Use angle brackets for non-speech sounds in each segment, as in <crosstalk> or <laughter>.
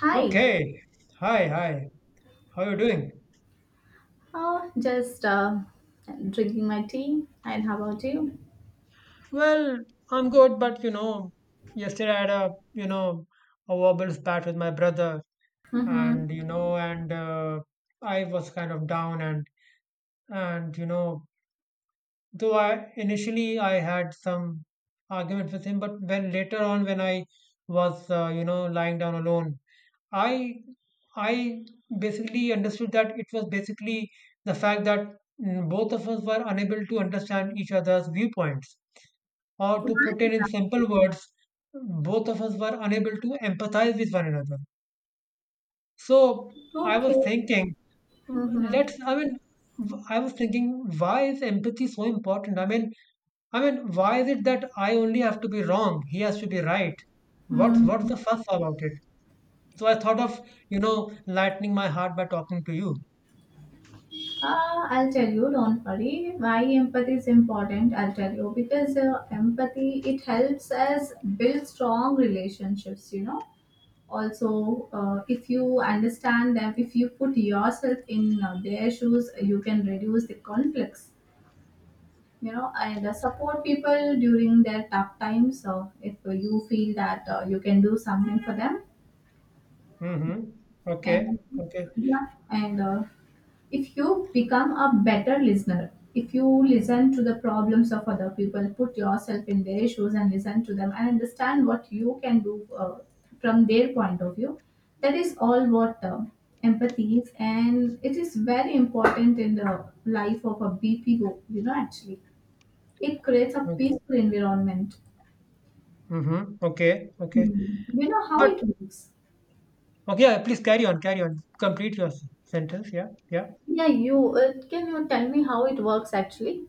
Hi. Okay. Hi, hi. How are you doing? Oh, just drinking my tea. And how about you? Well, I'm good, but you know, yesterday I had a a verbal spat with my brother. Mm-hmm. And you know, and I was kind of down, and you know, Though I initially I had some argument with him, but when later on when I was lying down alone, I I basically understood that it was basically the fact that both of us were unable to understand each other's viewpoints, or to put it in simple words, both of us were unable to empathize with one another. So I was Okay. thinking. Mm-hmm. Let's, I mean, w- I was thinking, why is empathy so important? Why is it that I only have to be wrong? He has to be right. What's Mm-hmm. the fuss about it? So I thought of, you know, lightening my heart by talking to you. Uh, I'll tell you. Don't worry. Why empathy is important? I'll tell you because empathy it helps us build strong relationships. You know. Also, if you understand them, if you put yourself in their shoes, you can reduce the conflicts. You know, and support people during their tough times, so if you feel that you can do something for them. Mm-hmm. Okay. And Okay. yeah, and if you become a better listener, if you listen to the problems of other people, put yourself in their shoes and listen to them and understand what you can do from their point of view, that is all what empathy is, and it is very important in the life of a bpo, you know, actually it creates a peaceful environment. Mm-hmm. Okay. Okay. Hmm. You know how But it works? okay, yeah, please carry on, carry on. Complete your sentence. Yeah. Yeah. Yeah, you can you tell me how it works actually?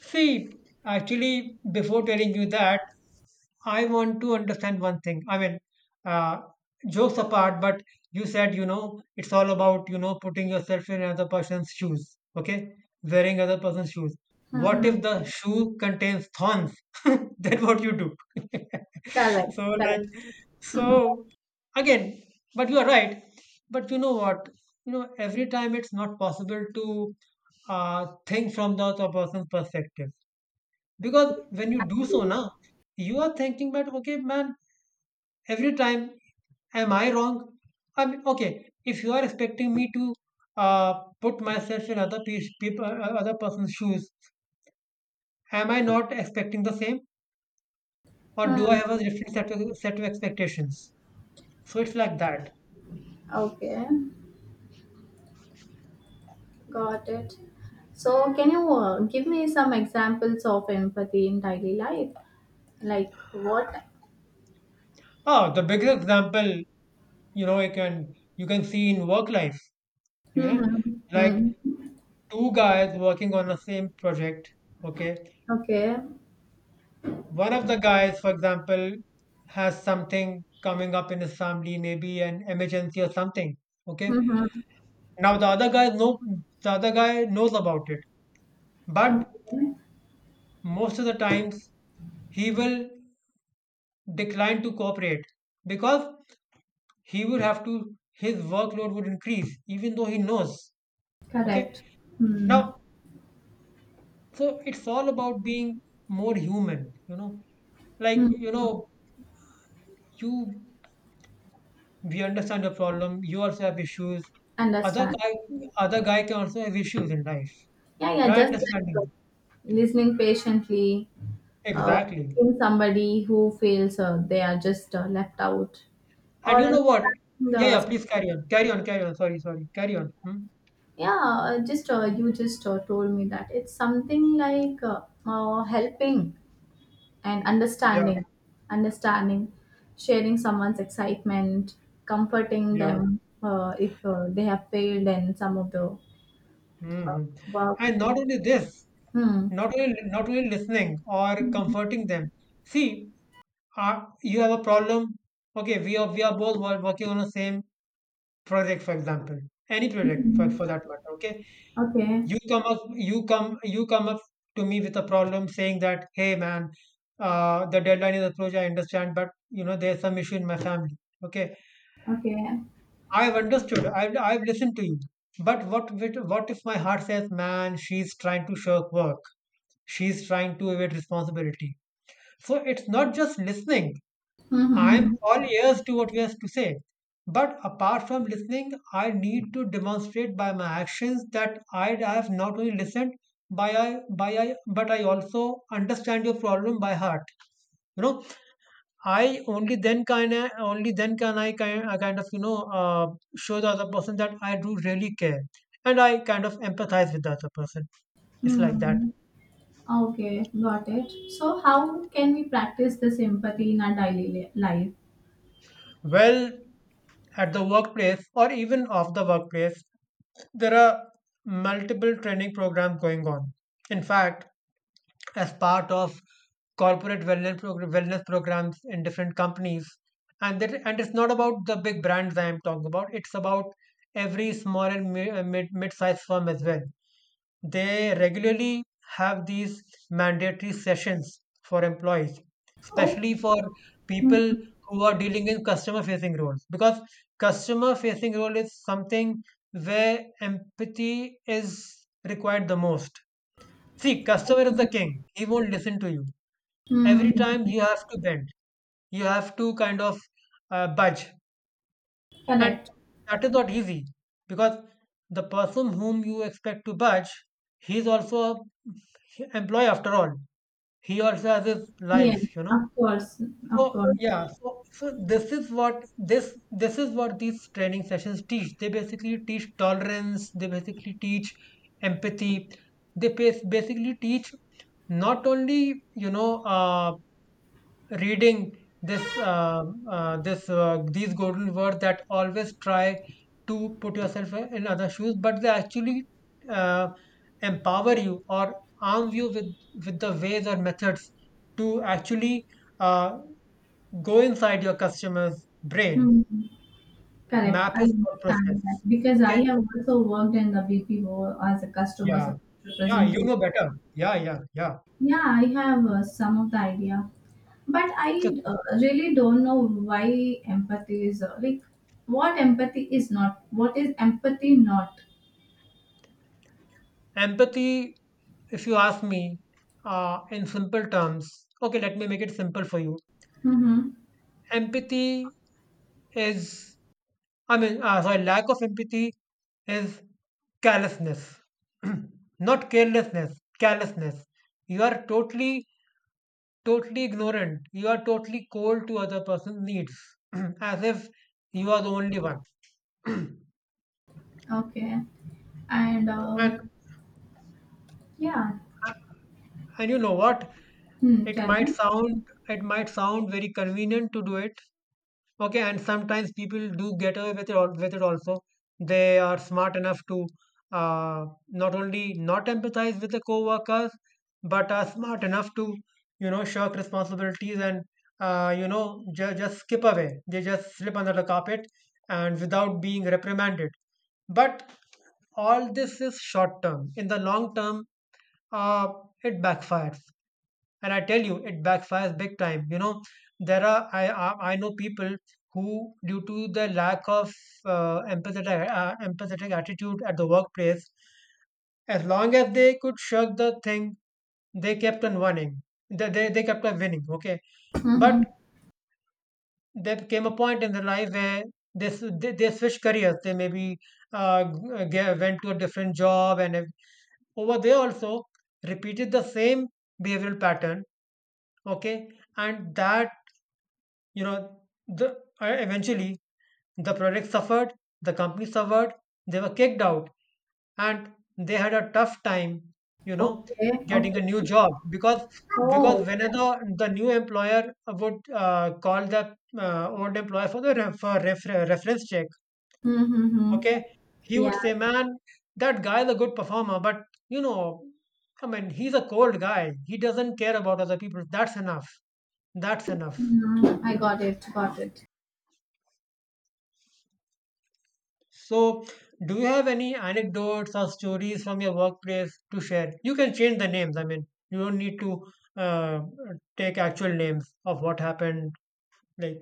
See, actually, before telling you that, I want to understand one thing. Uh, Jokes apart, but you said, you know, it's all about, you know, putting yourself in another person's shoes, okay? Wearing other person's shoes. What if the shoe contains thorns? <laughs> Then what you do? <laughs> Correct, So, like, so again, but you are right. But you know what? You know, every time it's not possible to think from the other person's perspective. Because when you do so correct. now, you are thinking that okay, man, every time am I wrong? I mean, okay, if you are expecting me to uh, put myself in other people, other person's shoes, am I not expecting the same, or do I Hmm. have a different set of expectations? So it's like that. Okay, got it. So, can you give me some examples of empathy in daily life? Like what? Oh, the biggest example, you know, you can see in work life, you know, Mm-hmm. like Hmm. two guys working on the same project, okay, Okay. one of the guys, for example, has something coming up in his family, maybe an emergency or something. Okay. Mm-hmm. Now the other guy no The other guy knows about it. But Okay. most of the times he will decline to cooperate because he would have to his workload would increase even though he knows. Okay. Correct. Hmm. Now so it's all about being more human, you know. Like, Hmm. you know, you we understand your problem. You also have issues. Other Understand. guy, other guy can also have issues in life. Yeah, yeah, Try just like, understanding. listening patiently, Exactly. helping somebody who feels they are just left out, And or you know what? understanding Yeah, yeah. the. Please carry on. Carry on. Carry on. Sorry, sorry. Carry on. Hmm? Yeah, just you just told me that it's something like helping and Yeah, understanding, understanding, sharing someone's excitement, comforting yeah. them if they have failed in some of the Hmm. work. And not only this, Hmm. Not only listening or Mhm. comforting them. See, you have a problem. Okay, we are both working on the same project, for example, any project for that matter. Okay, Okay. you come up you come up to me with a problem saying that, "Hey man, the deadline is approaching. I understand, but you know there's some issue in my family." Okay, Okay. I've listened to you, but what if my heart says, "Man, she's trying to shirk work, she's trying to evade responsibility"? So it's not just listening. I'm Mm-hmm. all ears to what you have to say. But apart from listening, I need to demonstrate by my actions that I have not only listened but I also understand your problem by heart. You know, only then can I kind of show the other person that I do really care, and I kind of empathize with the other person. It's like that. Mm. Okay, got it. So, how can we practice this empathy in our daily life? Well, at the workplace or even off the workplace, there are multiple training programs going on. In fact, as part of corporate wellness wellness programs in different companies, and that, and it's not about the big brands I am talking about. It's about every small and mid sized firm as well. They regularly have these mandatory sessions for employees, Okay. especially for people who are dealing in customer facing roles. Because customer facing role is something where empathy is required the most. See, customer is the king. He won't listen to you. Every time Mm-hmm. you have to bend, you have to kind of budge, and Correct. that is not easy because the person whom you expect to budge, he is also an employee after all. He also has his Yes, life, you know. of course, of So course. yeah, this is what these training sessions teach. They basically teach tolerance. They basically teach empathy. They basically teach not only reading this this these golden words that always try to put yourself in other shoes, but they actually uh, empower you or arm you with the ways or methods to actually uh, go inside your customer's brain, Hmm. Correct. map I his thought understand that process. because I Okay. have also worked in the BPO as a customer Yeah, support yeah, you representative. know better. Yeah, yeah, yeah. Yeah, I have some of the idea, but So I really don't know why empathy is like what empathy is not. What is empathy not? empathy, if you ask me, in simple terms, okay, let me make it simple for you. Mm-hmm. Empathy is, sorry, lack of empathy is callousness. <clears throat> Not carelessness, callousness. You are totally, totally ignorant. You are totally cold to other person's needs, <clears throat> as if you are the only one. Okay. And um, And yeah. and you know what? Hmm, tell me. It might sound very convenient to do it. Okay, and sometimes people do get away with it, with it also. They are smart enough to not only not empathize with the co-workers, but are smart enough to, you know, shirk responsibilities and, you know, just skip away. They just slip under the carpet and without being reprimanded. But all this is short term. In the long term, uh, it backfires, and I tell you it backfires big time, you know. There are I know people who, due to the lack of empathetic attitude at the workplace, as long as they could shirk the thing, they kept on winning. They kept on winning, okay. Mm-hmm. But there came a point in their life where they switched careers. They maybe went to a different job, and over there also repeated the same behavioral pattern, okay. And that, you know, the eventually the project suffered, the company suffered, they were kicked out, and they had a tough time, you know, Okay. getting a Okay. new job. Because Oh. whenever the new employer would call the old employer for the reference check, Mm-hmm. okay, he Yeah. would say, "Man, that guy is a good performer, but you know, I mean, he's a cold guy, he doesn't care about other people." That's enough. That's enough. Mm, I got it. Got it. So, do you have any anecdotes or stories from your workplace to share? You can change the names. I mean, you don't need to uh, take actual names of what happened. Like,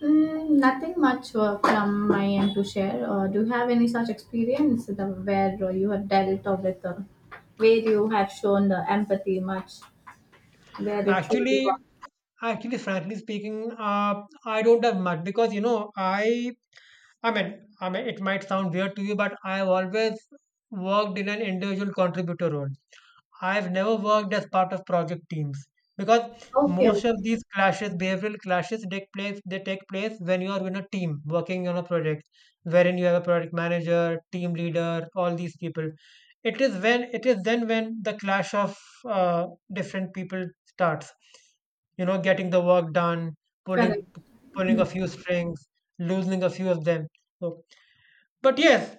Mm, nothing much from my end to share. Do you have any such experience the, where you have dealt or with, where you have shown the empathy much, where it truly actually, was? actually, frankly speaking, I don't have much because you know, I mean, it might sound weird to you, but I've always worked in an individual contributor role. I've never worked as part of project teams, because Okay, okay, most of these clashes, behavioral clashes, take place. They take place when you are in a team working on a project, wherein you have a project manager, team leader, all these people. It is then when the clash of uh, different people starts. You know, getting the work done, correct. pulling pulling Hmm. a few strings, losing a few of them. So, but yes,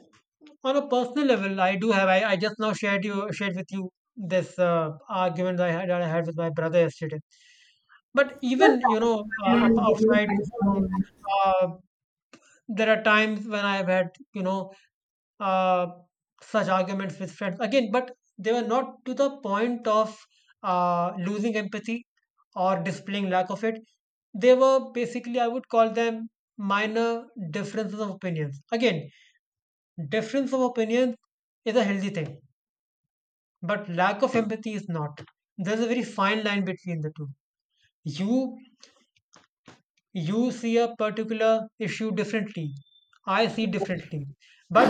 on a personal level, I do have I just now shared with you this argument that I had with my brother yesterday. But What's even, you that? know, Where up did you outside have it on the home, line? uh, there are times when I've had, you know, uh, such arguments with friends again, but they were not to the point of losing empathy or displaying lack of it. They were basically, I would call them, minor differences of opinions. Again, difference of opinions is a healthy thing, but lack of empathy is not. There's a very fine line between the two. you you see a particular issue differently, I see differently,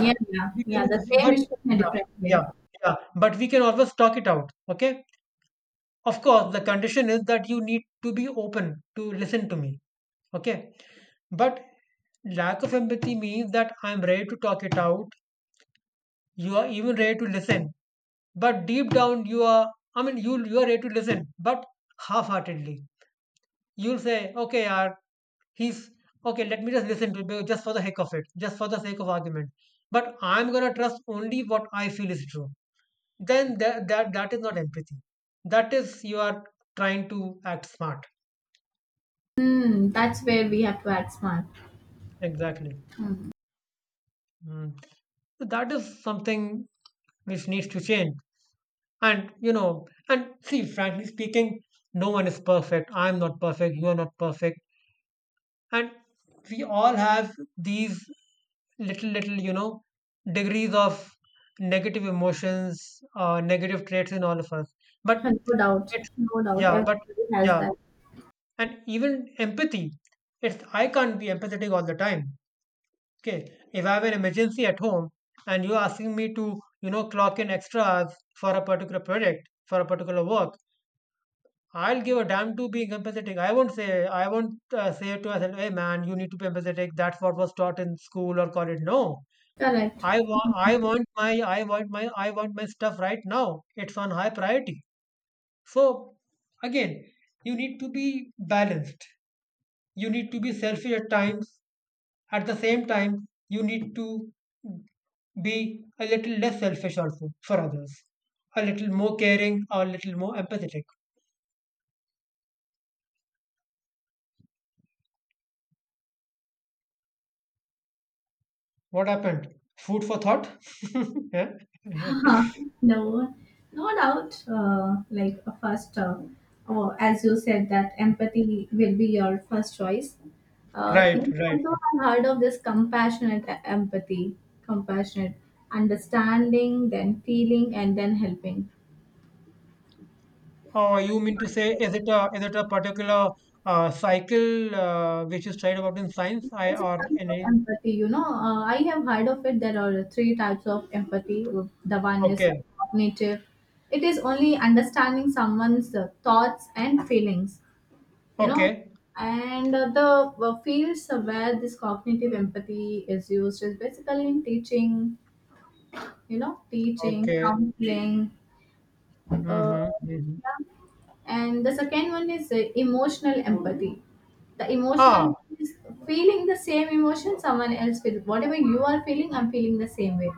Yeah, yeah, we yeah. can The same but issue in a yeah, different way. yeah, yeah, but we can always talk it out, okay. Of course the condition is that you need to be open to listen to me, okay. But lack of empathy means that I'm ready to talk it out, you are even ready to listen, but deep down you are, you are ready to listen but half-heartedly. You'll say, "Okay, he's okay, let me just listen to it just for the heck of it, just for the sake of argument. But I'm gonna trust only what I feel is true." Then that, that is not empathy. That is you are trying to act smart. Hmm, that's where we have to act smart. Exactly. Hmm. Mm. So that is something which needs to change. And you know, and see, frankly speaking, no one is perfect. I'm not perfect. You are not perfect. And we all have these little degrees of negative emotions, negative traits in all of us. But No doubt, it's, no doubt. yeah, but Everybody has yeah. that. And even empathy, it's, I can't be empathetic all the time. Okay, if I have an emergency at home and you're asking me to, clock in extra hours for a particular project, for a particular work, I'll give a damn to being empathetic. I won't say to myself, "Hey man, you need to be empathetic. That's what was taught in school or college." No, Correct. I want, I want my, I want my stuff right now. It's on high priority. So again, you need to be balanced. You need to be selfish at times. At the same time, you need to be a little less selfish also for others, a little more caring, or a little more empathetic. What happened? Food for thought? <laughs> Yeah. <laughs> No, no doubt. Like a first, or as you said, that empathy will be your first choice. Right, You right. also have heard of this compassionate empathy, compassionate understanding, then feeling, and then helping. Oh, you mean to say is it a particular cycle which is tried about in science? I It's a or kind in of any? empathy, you know. I have heard of it. There are three types of empathy. The one is Okay, cognitive. It is only understanding someone's thoughts and feelings, you know. okay, And the fields where this cognitive empathy is used is basically in teaching, you know, teaching, okay. counseling, uh, Mm-hmm, mm-hmm. yeah. And the second one is emotional empathy. The Ah, emotional is feeling the same emotion someone else feels. Whatever you are feeling, I'm feeling the same way.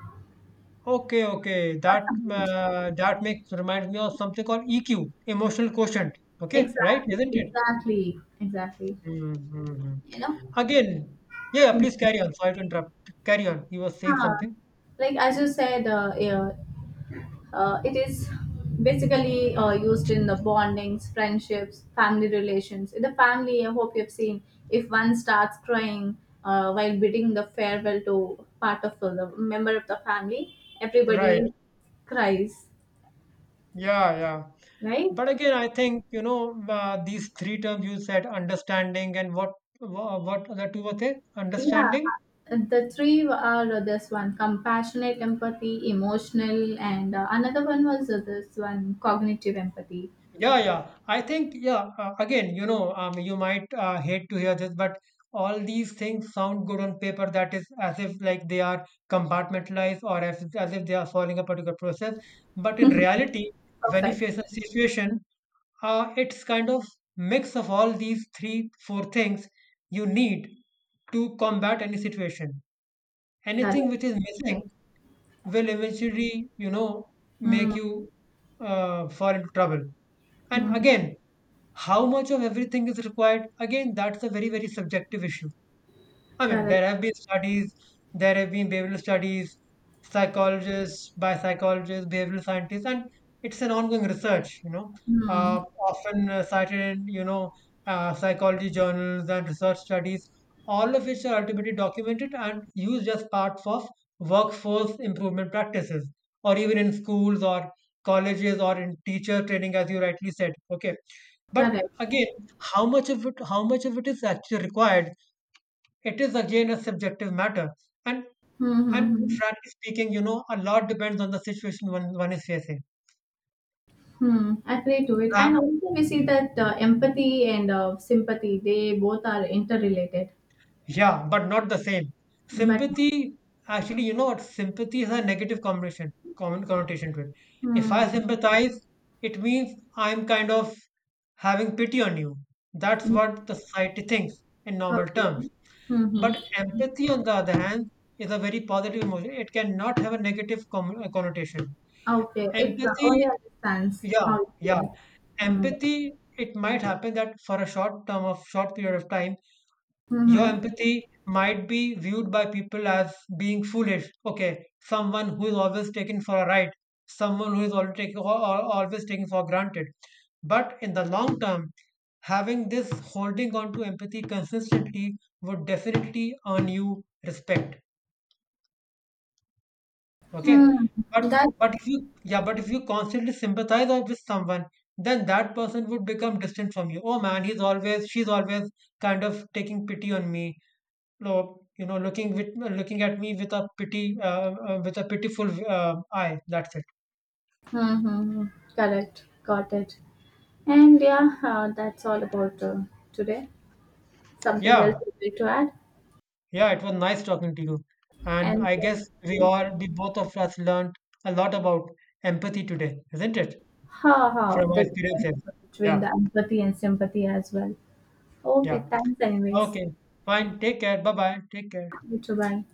okay, okay. For someone. That makes reminds me of something called EQ, emotional quotient. Okay, right? Exactly, Isn't it? exactly, exactly. Mm-hmm. Mm-hmm. You know? Again, yeah. Please Hmm. carry on. Sorry to interrupt. Carry on. You were saying Ah, something. like as you said, yeah, it is basically used in the bondings, friendships, family relations. In the family, I hope you've seen, if one starts crying while bidding the farewell to part of the member of the family, everybody Right. cries, Yeah, yeah. right? But again, I think, you know, these three terms you said, understanding and what, what the two were there? Yeah, Understanding? the three are this one compassionate empathy, emotional, and another one was this one cognitive empathy. Yeah, yeah. I think, yeah, again, you know, you might hate to hear this, but all these things sound good on paper. That is as if like they are compartmentalized or as, if they are following a particular process. But in reality, when you Perfect. face a situation, it's kind of mix of all these three, four things you need to combat any situation. Correct. Anything which is missing will eventually, you know, make you fall into trouble. And Mm-hmm. again, how much of everything is required? Again, that's a very, very subjective issue. I mean, Correct. there have been studies, there have been behavioral studies, psychologists, by psychologists, behavioral scientists, and it's an ongoing research, you know, Mm. Often cited in, you know, psychology journals and research studies, all of which are ultimately documented and used as parts of workforce improvement practices, or even in schools or colleges or in teacher training, as you rightly said. Okay. But Correct. again, how much of it, how much of it is actually required? It is again a subjective matter, and and Mm-hmm. frankly speaking, you know, a lot depends on the situation one is facing. Hmm. Agree to it. uh, And also, we see that empathy and sympathy, they both are interrelated. yeah, but not the same. But, Sympathy, actually, you know what, sympathy has a negative connotation, common connotation to it. If hmm. I sympathize, it means I'm kind of having pity on you. That's Yeah, what the society thinks, in normal okay. terms. But Mm-hmm. empathy on the other hand is a very positive emotion. It cannot have a negative connotation. Okay. It Empathy, only understands yeah, how it yeah. feels. Hmm. Empathy, it might happen that for a short term of short period of time your Mm-hmm. empathy might be viewed by people as being foolish, okay, someone who is always taken for a ride, someone who is always taken for granted. But in the long term, having this holding on to empathy consistently would definitely earn you respect. Hmm. Okay. But Hmm, that. but if you, yeah, but if you constantly sympathize with someone, then that person would become distant from you. Oh man, he's always she's always kind of taking pity on me. No, you know, looking at me with a pity, with a pitiful eye. That's it. Mm-hmm. Correct. Got it. And yeah, that's all about today. Something else Yeah, you'd like to add? yeah, it was nice talking to you. And And I guess then, we both of us learned a lot about empathy today, isn't it? ha ha, From our the difference experiences. between the Yeah, empathy and sympathy as well. Okay, yeah. thanks anyways. Okay. Fine. Take care. Bye bye. Take care. You too, bye.